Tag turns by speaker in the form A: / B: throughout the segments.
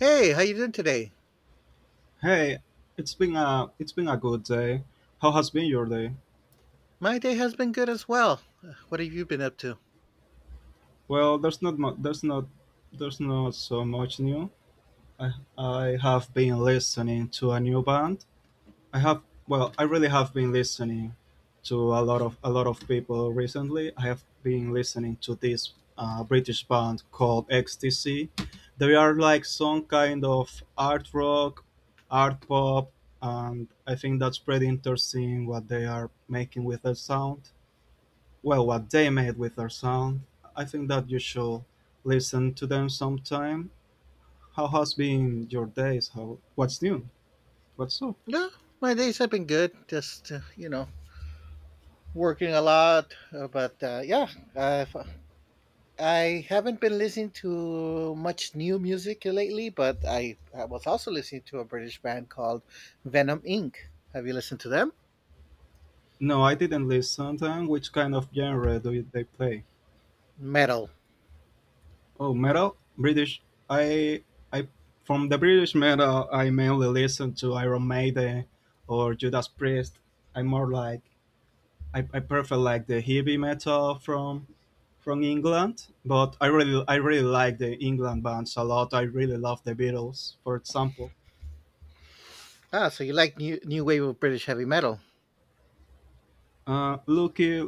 A: Hey, how you doing today?
B: Hey, it's been a good day. How has been your day?
A: My day has been good as well. What have you been up to?
B: Well, there's not mu- there's not so much new. I I have been listening to a new band. I have well, I really have been listening to a lot of people recently. I have been listening to this British band called XTC. They are like some kind of art rock, art pop, and I think that's pretty interesting what they are making with their sound. Well, what they made with their sound. I think that you should listen to them sometime. How has been your days? How what's new? What's up?
A: No, my days have been good. Just working a lot. But yeah, I've, I haven't been listening to much new music lately. But I was also listening to a British band called Venom Inc. Have you listened to them?
B: No, I didn't listen to them. Which kind of genre they play?
A: Metal.
B: Oh, metal, British. I I from the British metal, I mainly listen to Iron Maiden or Judas Priest. I'm more like I prefer like the heavy metal from England, but I really like the England bands a lot. I really love the Beatles, for example.
A: Ah, so you like new wave of British heavy metal?
B: Lucky,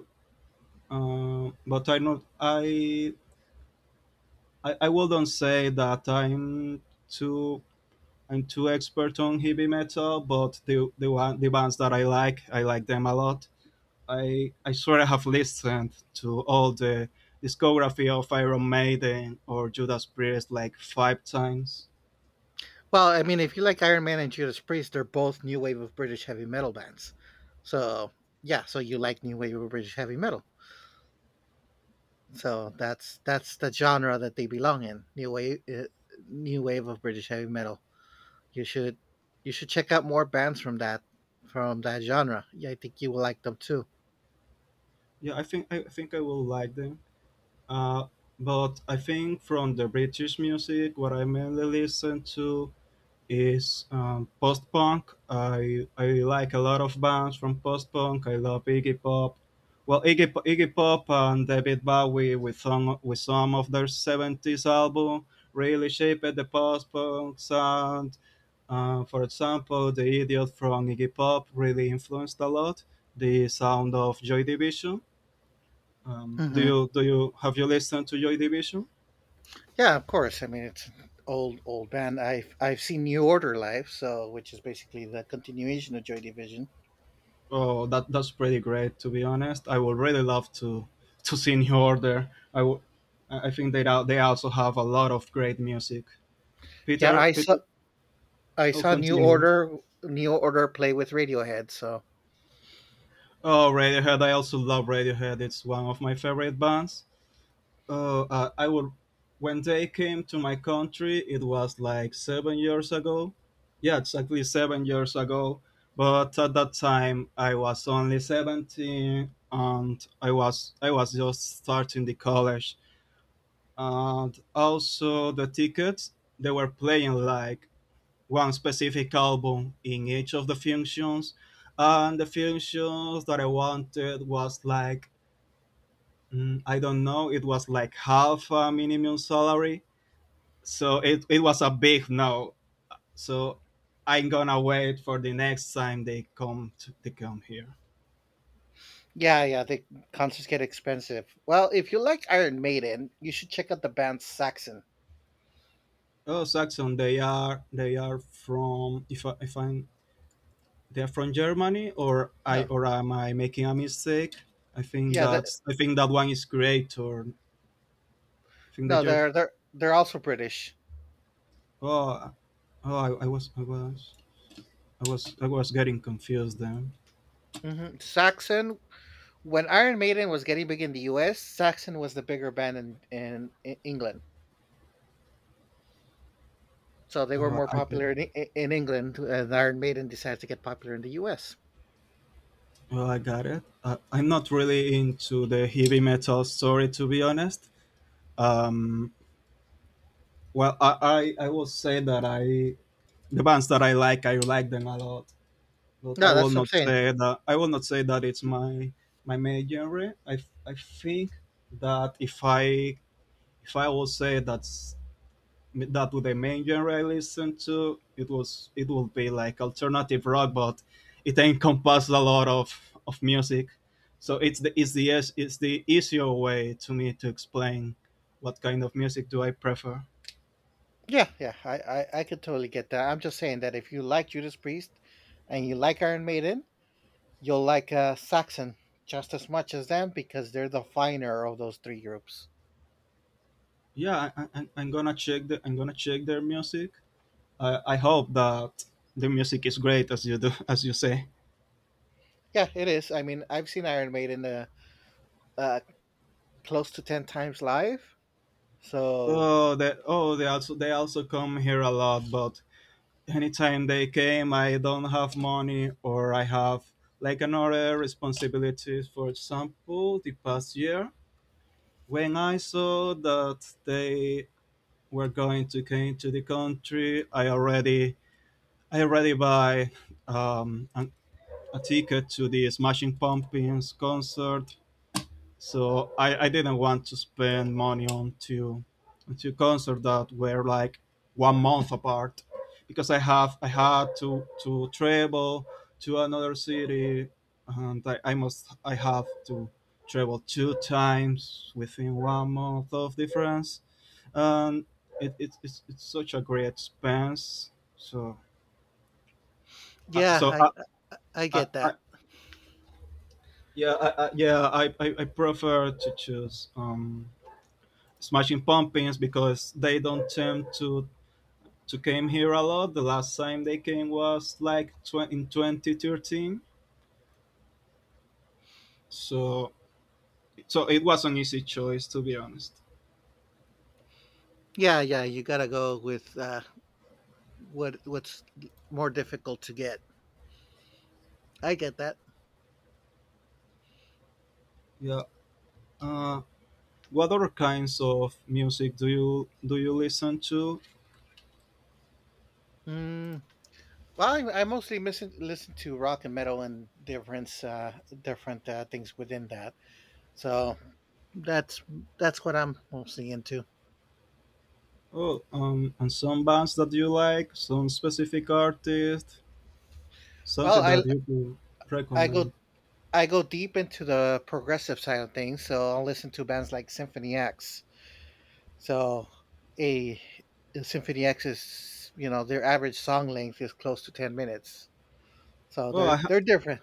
B: but I not I wouldn't say that too I'm too expert on heavy metal, but the bands that I like them a lot. I swear I have listened to all the discography of Iron Maiden or Judas Priest like five times.
A: Well, I mean, if you like Iron Man and Judas Priest, they're both new wave of British heavy metal bands. So yeah, so you like new wave of British heavy metal. So that's the genre that they belong in. New wave of British heavy metal. You should you should check out more bands from that genre. Yeah, I think you will like them too.
B: Yeah, I think I will like them. Uh, but I think from the British music, what I mainly listen to is post punk. I like a lot of bands from post punk. I love Iggy Pop. Well, Iggy Pop and David Bowie with some of their seventies album really shaped the post punk sound. For example, the Idiot from Iggy Pop really influenced a lot the sound of Joy Division.
A: hmm
B: Do you have you listened to Joy Division?
A: Yeah, of course. I mean, it's an old band. I've seen New Order live, so which is basically the continuation of Joy Division.
B: Oh, that's pretty great. To be honest, I would really love to see you order. I would. I think they also have a lot of great music.
A: Yeah,
B: Peter,
A: I saw
B: Peter,
A: I
B: I'll
A: saw New
B: continue.
A: Order New Order play with Radiohead, so
B: Oh, Radiohead. I also love Radiohead. It's one of my favorite bands. Oh, I would. When they came to my country, it was like 7 years ago. Yeah, exactly 7 years ago. But at that time, I was only 17, and I was just starting the college. And also the tickets, they were playing like one specific album in each of the functions, and the functions that I wanted was like, I don't know, it was like half a minimum salary. So it was a big no. So I'm gonna wait for the next time they come here.
A: yeah, yeah, the concerts get expensive. Well, if you like Iron Maiden, you should check out the band Saxon.
B: Oh, saxon, they are from, if, I, if I'm they're from Germany, or I
A: No,
B: or am I making a mistake?
A: yeah, the,
B: I think that one is great, or I think
A: no,
B: that you're
A: they're they're also British.
B: oh oh, I was I was I was I was getting confused then.
A: Saxon. When Iron Maiden was getting big in the U.S., Saxon was the bigger band in in England, so they were
B: Oh,
A: more
B: I get
A: popular in England. And Iron Maiden decided to get popular in the U.S.
B: Oh, I got it. I'm not really into the heavy metal story to be honest. Um, well, I will say that I the bands that I like them a lot. But I
A: No,
B: will
A: that's what I'm
B: not
A: saying.
B: say that I will not say that it's my main genre. I think that if I will say that's that with the main genre I listen to, it will be like alternative rock, but it encompasses a lot of music. So it's the easier way to me to explain what kind of music do I prefer.
A: Yeah, yeah, I could totally get that. I'm just saying that if you like Judas Priest and you like Iron Maiden, you'll like Saxon just as much as them because they're the finer of those three groups.
B: Yeah, I'm gonna check their music. I hope that the music is great, as you do, as you say.
A: Yeah, it is. I mean, I've seen Iron Maiden uh, close to 10 times live. So,
B: Oh, they also come here a lot, but anytime they came, I don't have money or I have like another responsibilities. For example, the past year when I saw that they were going to come to the country, I already buy um, an, a ticket to the Smashing Pumpkins concert. So I didn't want to spend money on two concerts that were like one month apart because I had to travel to another city, and I have to travel two times within one month of difference, and it's such a great expense. So uh,
A: yeah,
B: so
A: I
B: I,
A: get
B: I,
A: that.
B: yeah, yeah, I prefer to choose Smashing Pumpkins because they don't tend to came here a lot. The last time they came was like in 2013. So so it was an easy choice to be honest.
A: Yeah, yeah, you got to go with what's more difficult to get. I get that.
B: Yeah. Uh, what other kinds of music do you listen to?
A: Mm, Well, I mostly listen to rock and metal and different different things within that. So that's that's what I'm mostly into.
B: Oh, and some bands that you like, some specific artist,
A: Well,
B: something that you could
A: I
B: recommend.
A: go I go deep into the progressive side of things. So I'll listen to bands like Symphony X. So a Symphony X is, you know, their average song length is close to 10 minutes. So
B: Well,
A: they're they're different.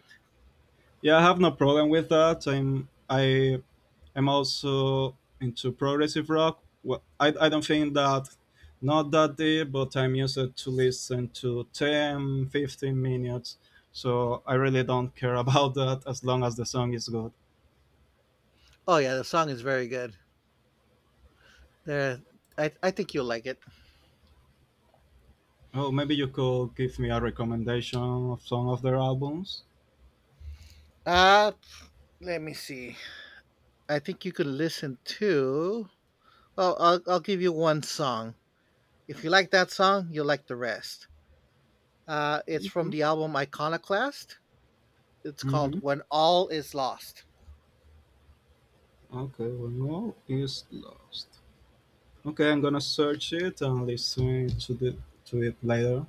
B: yeah, I have no problem with that. I'm also into progressive rock. I don't think that, not that deep, but I'm used to listen to 10, 15 minutes. So I really don't care about that as long as the song is good.
A: Oh yeah, the song is very good. They're I think you'll like it.
B: Oh, maybe you could give me a recommendation of some of their albums.
A: Uh, let me see. I think you could listen to. Well, I'll give you one song. If you like that song, you'll like the rest. It's from
B: Mm-hmm.
A: the album Iconoclast. It's called
B: Mm-hmm.
A: When All Is Lost.
B: Okay, well, no, is lost. Okay, I'm gonna search it and listen to the to it later.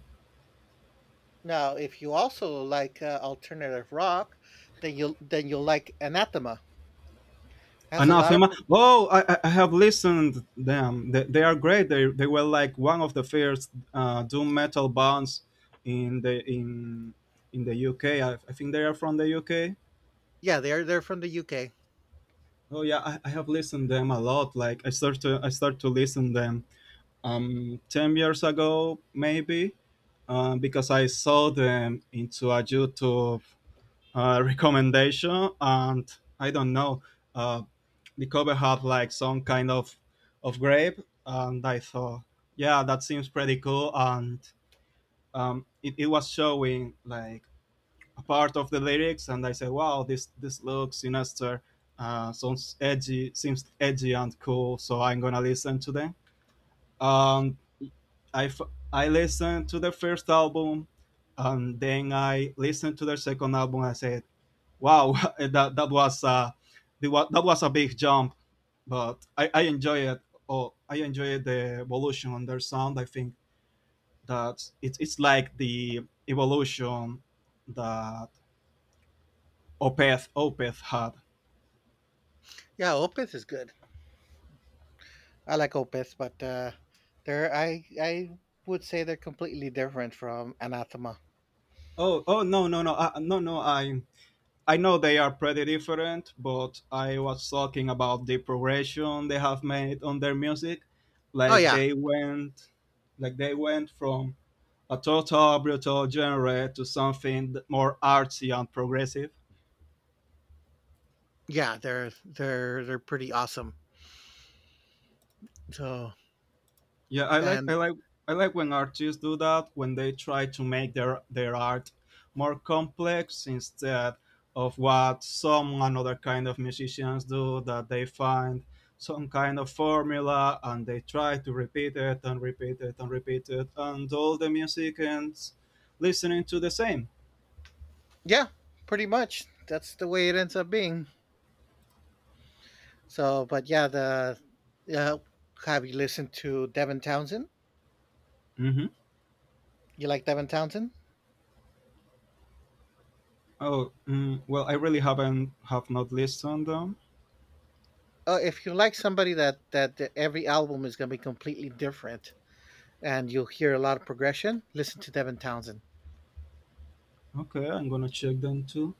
A: Now, if you also like alternative rock, then you'll like Anathema. Has a lot of
B: Anathema. Oh, I have listened them. They are great. They were like one of the first doom metal bands in the in in the UK. I think they are from the UK.
A: yeah, they're from the UK.
B: Oh yeah, I have listened them a lot. Like I start to listen them 10 years ago maybe, because I saw them into a YouTube recommendation, and I don't know. Uh, the cover had like some kind of grape, and I thought, yeah, that seems pretty cool. And it was showing like a part of the lyrics, and I said, wow, this looks sinister, sounds edgy, seems edgy and cool. So I'm gonna listen to them. Um, I f- I listened to the first album, and then I listened to their second album. I said, wow, that was that was a big jump, but I enjoy it. Oh, I enjoy the evolution on their sound. I think that it's like the evolution that Opeth had.
A: Yeah, Opeth is good. I like Opeth, but they're I would say they're completely different from Anathema.
B: Oh, no, no, no, no, no, I know they are pretty different, but I was talking about the progression they have made on their music.
A: Oh
B: Like
A: yeah,
B: they went from a total brutal genre to something more artsy and progressive.
A: they're pretty awesome. So
B: Yeah, I like
A: and
B: I like I like when artists do that when they try to make their art more complex instead of what some another kind of musicians do that they find some kind of formula and they try to repeat it and repeat it and repeat it and all the music ends listening to the same.
A: yeah, pretty much that's the way it ends up being. So, but yeah, the uh, have you listened to Devin Townsend?
B: Hmm.
A: You like Devin Townsend?
B: Oh, well, I really have not listened them.
A: If you like somebody that every album is going to be completely different and you'll hear a lot of progression, listen to Devin Townsend.
B: Okay, I'm gonna check them too.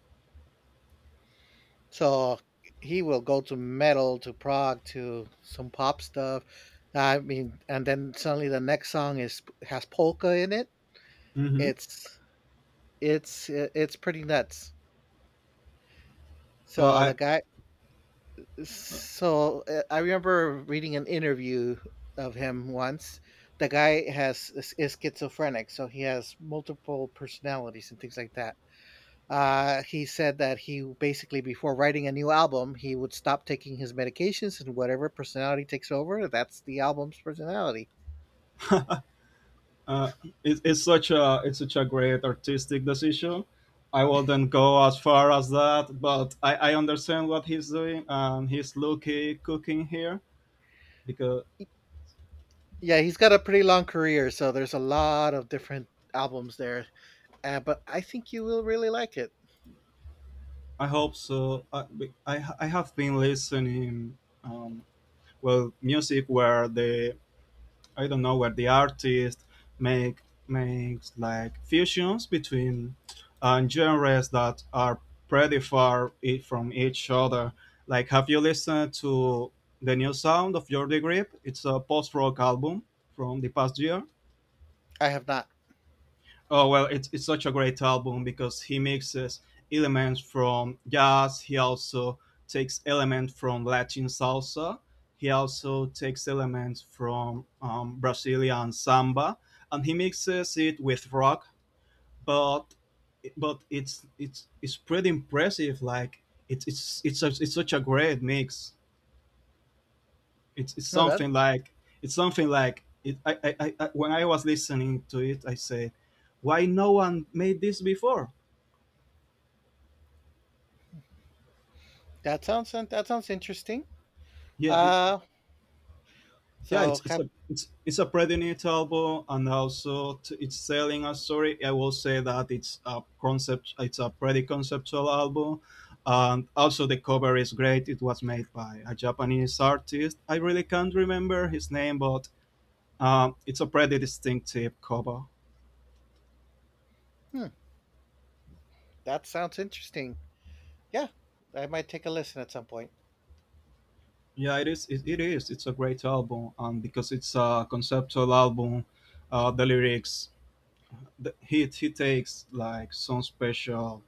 A: So he will go to metal to prog to some pop stuff. I mean, and then suddenly the next song is has polka in it.
B: Mm-hmm.
A: It's it's pretty nuts. So the
B: I
A: guy, so I remember reading an interview of him once. The guy has is schizophrenic, so he has multiple personalities and things like that. He said that he basically, before writing a new album, he would stop taking his medications, and whatever personality takes over, that's the album's personality.
B: uh, it's such a great artistic decision. I wouldn't go as far as that, but I understand what he's doing, and he's lucky cooking here because
A: Yeah, he's got a pretty long career, so there's a lot of different albums there. But I think you will really like it.
B: I hope so. I have been listening, um, well, music where the, I don't know, where the artist make makes like fusions between genres that are pretty from each other. Like, have you listened to the new sound of Your Grip? It's a post rock album from the past year.
A: I have not.
B: Oh well, it's such a great album because he mixes elements from jazz. He also takes elements from Latin salsa. He also takes elements from Brazilian samba, and he mixes it with rock. But but it's pretty impressive. Like it's such a great mix. It's it's
A: No, that
B: something like it's something like it. When I was listening to it, I said, why no one made this before?
A: that sounds that sounds interesting.
B: Yeah,
A: Uh,
B: yeah,
A: so
B: it's it's
A: have,
B: a it's it's a pretty neat album, and also it's telling a story. I will say that it's a pretty conceptual album, and also the cover is great. It was made by a Japanese artist. I really can't remember his name, but it's a pretty distinctive cover.
A: hmm, that sounds interesting. Yeah, I might take a listen at some point.
B: Yeah, it is. It is. It's a great album, and because it's a conceptual album, the lyrics, he takes like some special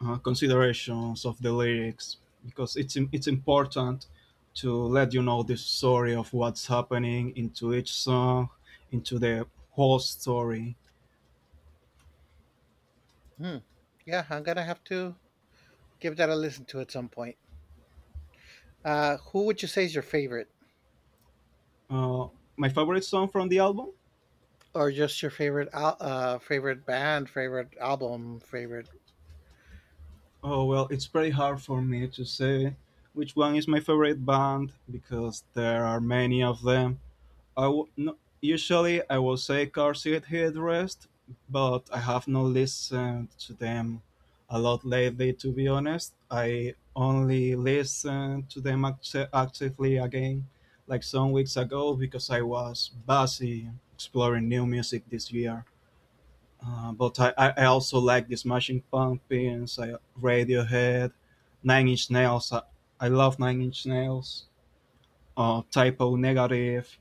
B: considerations of the lyrics because it's important to let you know the story of what's happening into each song, into the whole story.
A: Hmm. Yeah, I'm gonna have to give that a listen to at some point. Who would you say is your favorite,
B: Uh, my favorite song from the album?
A: or just your favorite band, favorite album, favorite?
B: Oh well, it's pretty hard for me to say which one is my favorite band because there are many of them no, usually I will say Car Seat Headrest, but I have not listened to them a lot lately. To be honest, I only listen to them actively again, like some weeks ago, because I was busy exploring new music this year. But I also like the Smashing Pumpkins, Radiohead, Nine Inch Nails. I love Nine Inch Nails. Typo Negative.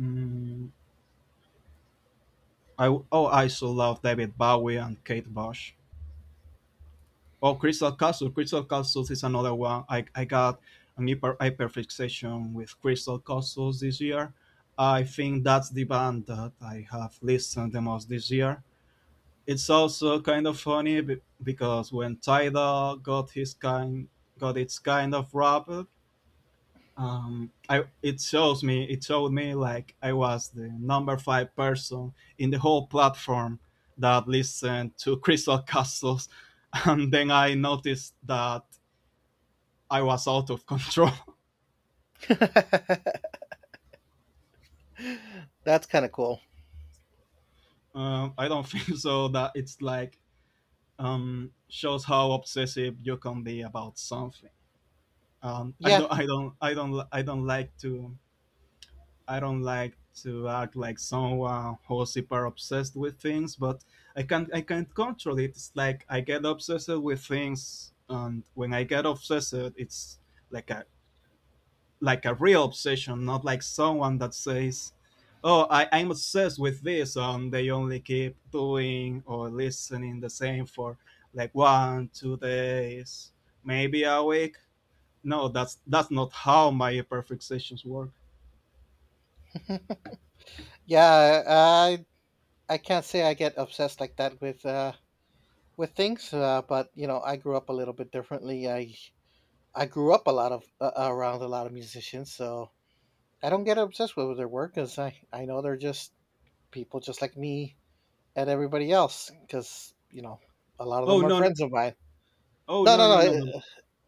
B: Mm, I so love David Bowie and Kate Bush. Oh, Crystal Castles. Crystal Castles is another one. I got an hyper fixation with Crystal Castles this year. I think that's the band that I have listened the most this year. It's also kind of funny because when Tidal got its kind of rap, I it showed me like I was the number five person in the whole platform that listened to Crystal Castles. And then I noticed that I was out of control.
A: That's kind of cool.
B: Um, I don't think so that it's like shows how obsessive you can be about something. Um I
A: Yeah,
B: don't I don't I don't I don't like to I don't like to act like someone who's super obsessed with things, but I can't control it. It's like I get obsessed with things, and when I get obsessed, it's like a like a real obsession, not like someone that says, "Oh, I'm obsessed with this," and they only keep doing or listening the same for like one, 2 days, maybe a week. No, that's not how my perfect sessions work.
A: hmm, yeah. I can't say I get obsessed like that with things, but you know, I grew up a little bit differently. I grew up a lot of around a lot of musicians, so I don't get obsessed with their work because I know they're just people just like me and everybody else because you know a lot of
B: Oh
A: them are
B: no, no,
A: friends of mine.
B: oh
A: No,
B: no,
A: no, no,
B: no, no, no.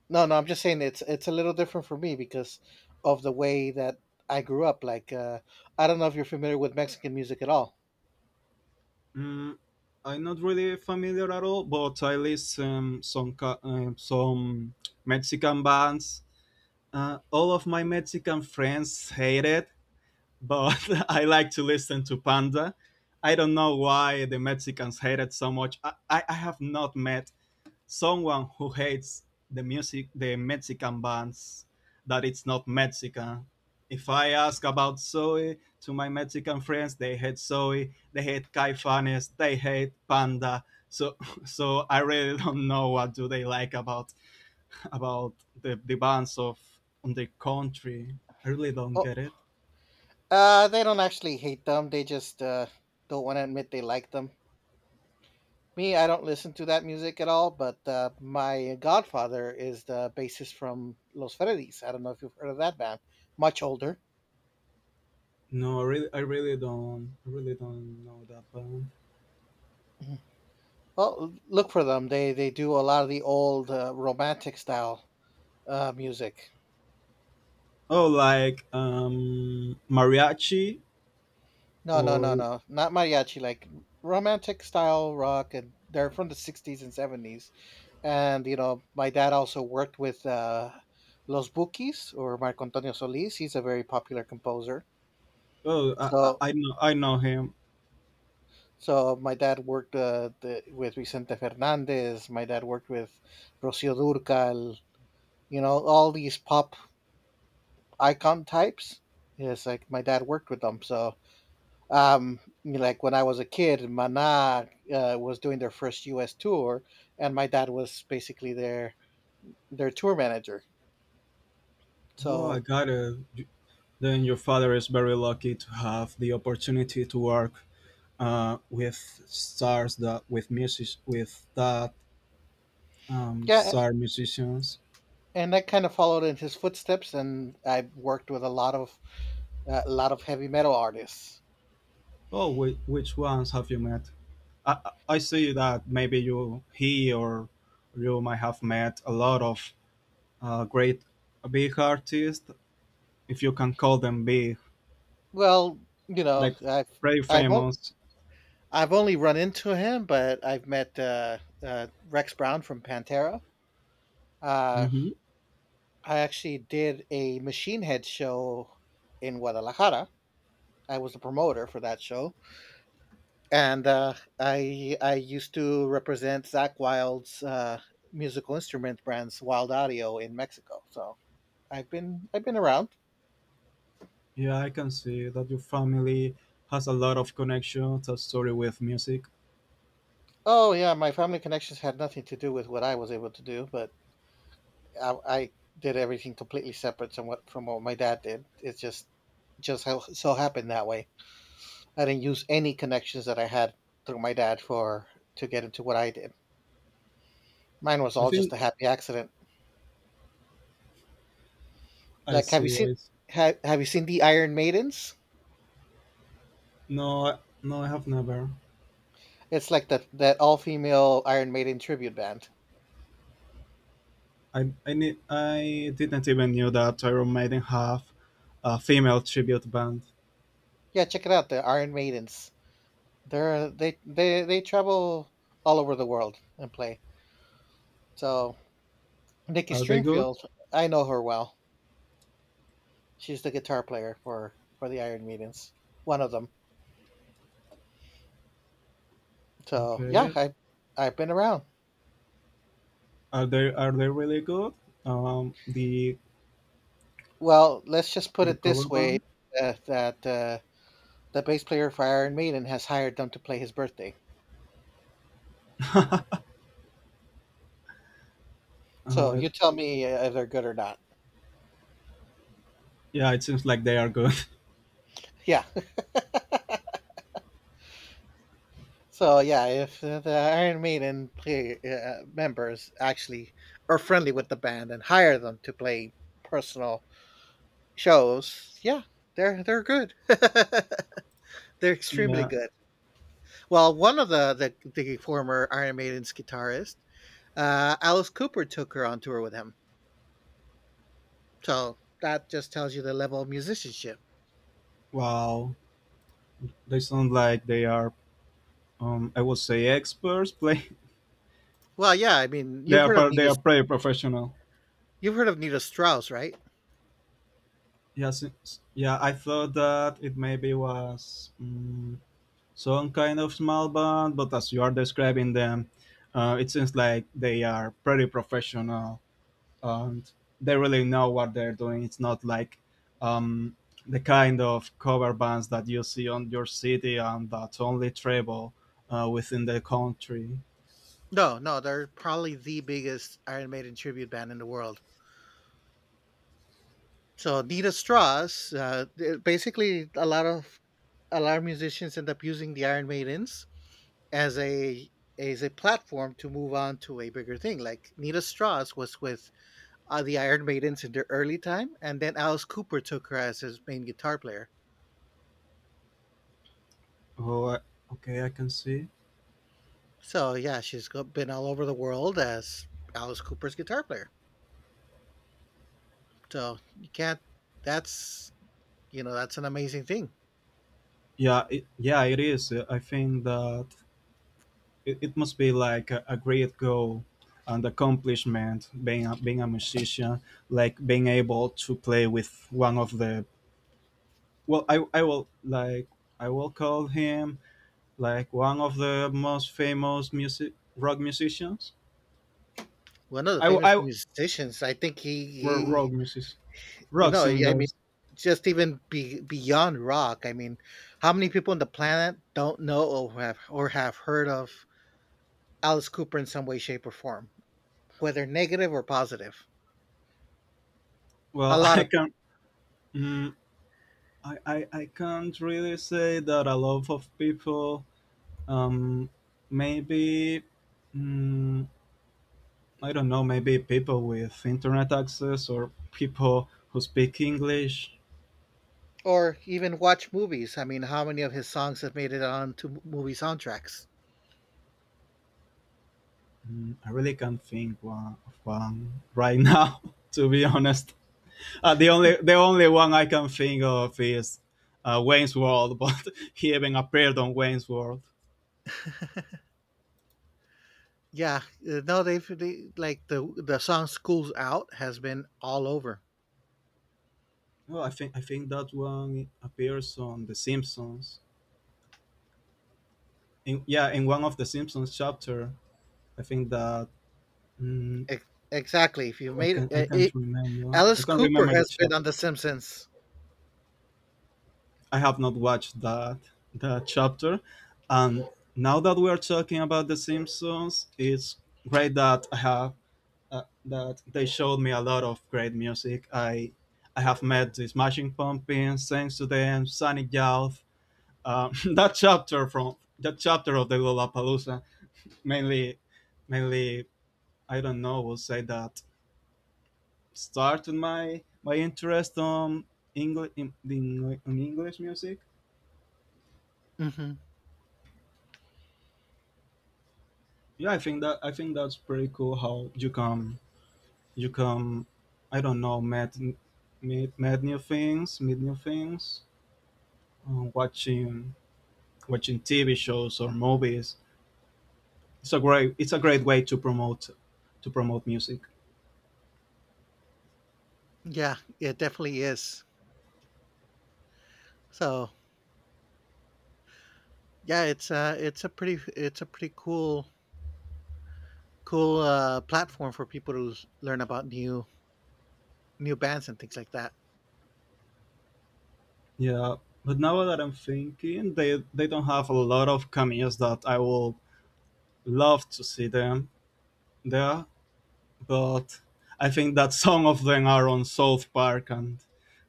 A: no, no. I'm just saying it's a little different for me because of the way that I grew up. Like I don't know if you're familiar with Mexican music at all.
B: Mm, I'm not really familiar at all, but I listen some some Mexican bands. All of my Mexican friends hate it, but I like to listen to Panda. I don't know why the Mexicans hate it so much. I have not met someone who hates the music, the Mexican bands, that it's not Mexican. If I ask about Zoe to my Mexican friends, they hate Zoe, they hate Caifanes, they hate Panda. So, so I really don't know what do they like about about the bands of on the country. I really don't
A: Oh,
B: get it.
A: they don't actually hate them. They just don't want to admit they like them. Me, I don't listen to that music at all, but, my godfather is the bassist from Los Fredis. I don't know if you've heard of that band. Much older.
B: No, I really don't know that band.
A: Mhm. Well, l look for them. They do a lot of the old, romantic style, music.
B: Oh, like mariachi
A: No, no, no,
B: or
A: no, not mariachi, like romantic style rock, and they're from the 60s and 70s. And, you know, my dad also worked with, Los Bukis or Marco Antonio Solis. He's a very popular composer.
B: Oh,
A: So
B: I know him.
A: So my dad worked with Vicente Fernandez. My dad worked with Rocio Durcal. You know, all these pop icon types. Yes, like my dad worked with them. So, um, like when I was a kid, Maná was doing their first U.S. tour, and my dad was basically their tour manager.
B: Oh, I
A: So
B: got it. Then your father is very lucky to have the opportunity to work with stars that with music with that
A: yeah,
B: star musicians.
A: and I kind of followed in his footsteps, and I worked with a lot of heavy metal artists.
B: Oh, which ones have you met? I see that maybe you he or you might have met a lot of great big artists, if you can call them big,
A: Well, you know,
B: like very
A: I've
B: famous.
A: I've only run into him, but I've met Rex Brown from Pantera. Uh,
B: Mm-hmm.
A: I actually did a Machine Head show in Guadalajara. I was the promoter for that show, and I used to represent Zach Wild's musical instrument brands, Wild Audio, in Mexico. So I've been around.
B: Yeah, I can see that your family has a lot of connections, a story with music.
A: Oh yeah, my family connections had nothing to do with what I was able to do, but I did everything completely separate from what my dad did. It's just how so happened that way. I didn't use any connections that I had through my dad for to get into what I did. Mine was
B: I
A: all just
B: think
A: a happy accident.
B: I
A: Like,
B: see.
A: have you seen the Iron Maidens?
B: No, no, I have never.
A: It's like that that all female Iron Maiden tribute band.
B: I didn't even knew that Iron Maiden have a female tribute band.
A: Yeah, check it out. The Iron Maidens. They're they travel all over the world and play. So Nikki
B: Are they good?
A: Stringfield, I know her well. She's the guitar player for the Iron Maidens, one of them. So yeah,
B: Okay.
A: I've been around.
B: Are they really good? The
A: Well, let's just put it
B: cover
A: this way:
B: band.
A: that the bass player for Iron Maiden has hired them to play his birthday. So
B: Uh,
A: you tell me if they're good or not.
B: yeah, it seems like they are good.
A: Yeah. So yeah, if the Iron Maiden play, members actually are friendly with the band and hire them to play personal shows, yeah, they're good. They're extremely
B: Yeah.
A: good. Well, one of the former Iron Maiden's guitarist, Alice Cooper, took her on tour with him. So that just tells you the level of musicianship.
B: Wow. They sound like they are. I would say experts. Play.
A: Well, yeah, I mean,
B: They
A: you've
B: are.
A: heard of
B: They
A: Nita.
B: are pretty professional.
A: You've heard of Nita Strauss, right?
B: Yeah, since, yeah, I thought that it maybe was some kind of small band, but as you are describing them, it seems like they are pretty professional and they really know what they're doing. It's not like um, the kind of cover bands that you see on your city and that's only travel within the country.
A: No, no, they're probably the biggest Iron Maiden tribute band in the world. So Nita Strauss, basically, a lot of musicians end up using the Iron Maidens as a as a platform to move on to a bigger thing. Like Nita Strauss was with the Iron Maidens in their early time, and then Alice Cooper took her as his main guitar player.
B: Oh, okay, I can see.
A: So yeah, been all over the world as Alice Cooper's guitar player. So you can't. That's you know that's an amazing thing.
B: Yeah, yeah, it is. I think that it must be like a great goal and accomplishment being being a musician like being able to play with one of the well I will call him like one of the most famous music rock musicians
A: One of the
B: i w- i
A: famous
B: w-
A: musicians, I think
B: ro-
A: he
B: rock music
A: you
B: rock
A: know, I mean,
B: singers.
A: just even beyond rock. I mean, how many people on the planet don't know or have heard of Alice Cooper in some way, shape, or form, whether negative or positive? A
B: Well,
A: lot
B: I
A: of people
B: can't. Mm, I, I i can't really say that a lot of people um maybe mm, I don't know, maybe people with internet access or people who speak English.
A: or even watch movies. I mean, how many of his songs have made it onto movie soundtracks?
B: I really can't think of one right now, to be honest. The only one I can think of is Wayne's World, but he even appeared on Wayne's World.
A: Yeah, no, they've they, like the song "School's Out" has been all over.
B: Oh, I think that one appears on The Simpsons. Yeah, in one of the Simpsons chapter, I think that mm,
A: Ex- exactly. If you made it,
B: I
A: it,
B: can't remember. I
A: Alice
B: can't
A: Cooper
B: remember the
A: has been
B: chapter.
A: on The Simpsons.
B: I have not watched that chapter. And now that we are talking about The Simpsons, it's great that I have that they showed me a lot of great music. I have met the Smashing Pumpkins, thanks to them, Sonic Youth. That chapter of the Lollapalooza mainly mainly I don't know will say that started my interest on English in English music.
A: hmm
B: Yeah, I think that's pretty cool how you can I don't know met new things um, watching watching TV shows or movies. It's a great it's a great way to promote music.
A: Yeah, it definitely is. So yeah, it's a pretty it's a pretty cool cool platform for people to learn about new new bands and things like that.
B: Yeah, but now that I'm thinking they don't have a lot of cameos that I will love to see them there. But I think that some of them are on South Park, and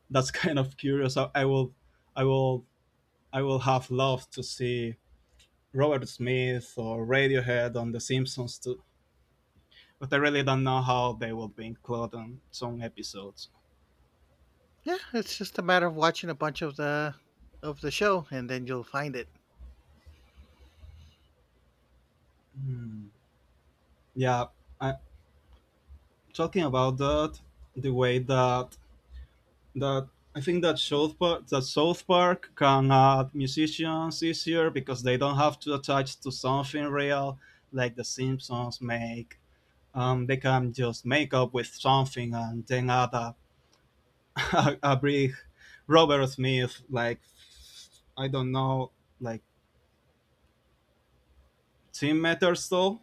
B: that's kind of curious. I will I would have loved to see Robert Smith or Radiohead on The Simpsons too, but I really don't know how they will be included on some episodes.
A: Yeah, it's just a matter of watching a bunch of the show, and then you'll find it.
B: Hmm. Yeah, I, talking about that, the way that that I think that South Park can add musicians easier because they don't have to attach to something real like The Simpsons make. They can just make up with something and then add a a big Robert Smith, like I don't know, like team matters. So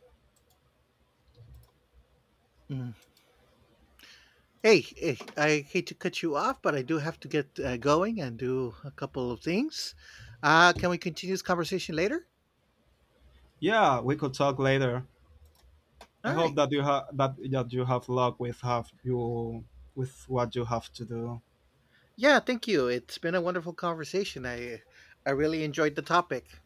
A: Mm. Hey, hey, I hate to cut you off, but I do have to get going and do a couple of things. Can we continue this conversation later?
B: yeah, we could talk later. I
A: All
B: hope
A: right.
B: that that you have luck with have you with what you have to do.
A: Yeah, thank you. It's been a wonderful conversation. I really enjoyed the topic.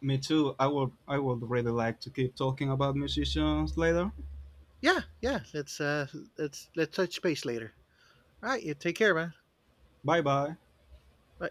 B: Me too. I would really like to keep talking about musicians later.
A: Yeah, yeah. Let's let's touch base later. All right. You take care, man.
B: Bye bye.
A: Bye.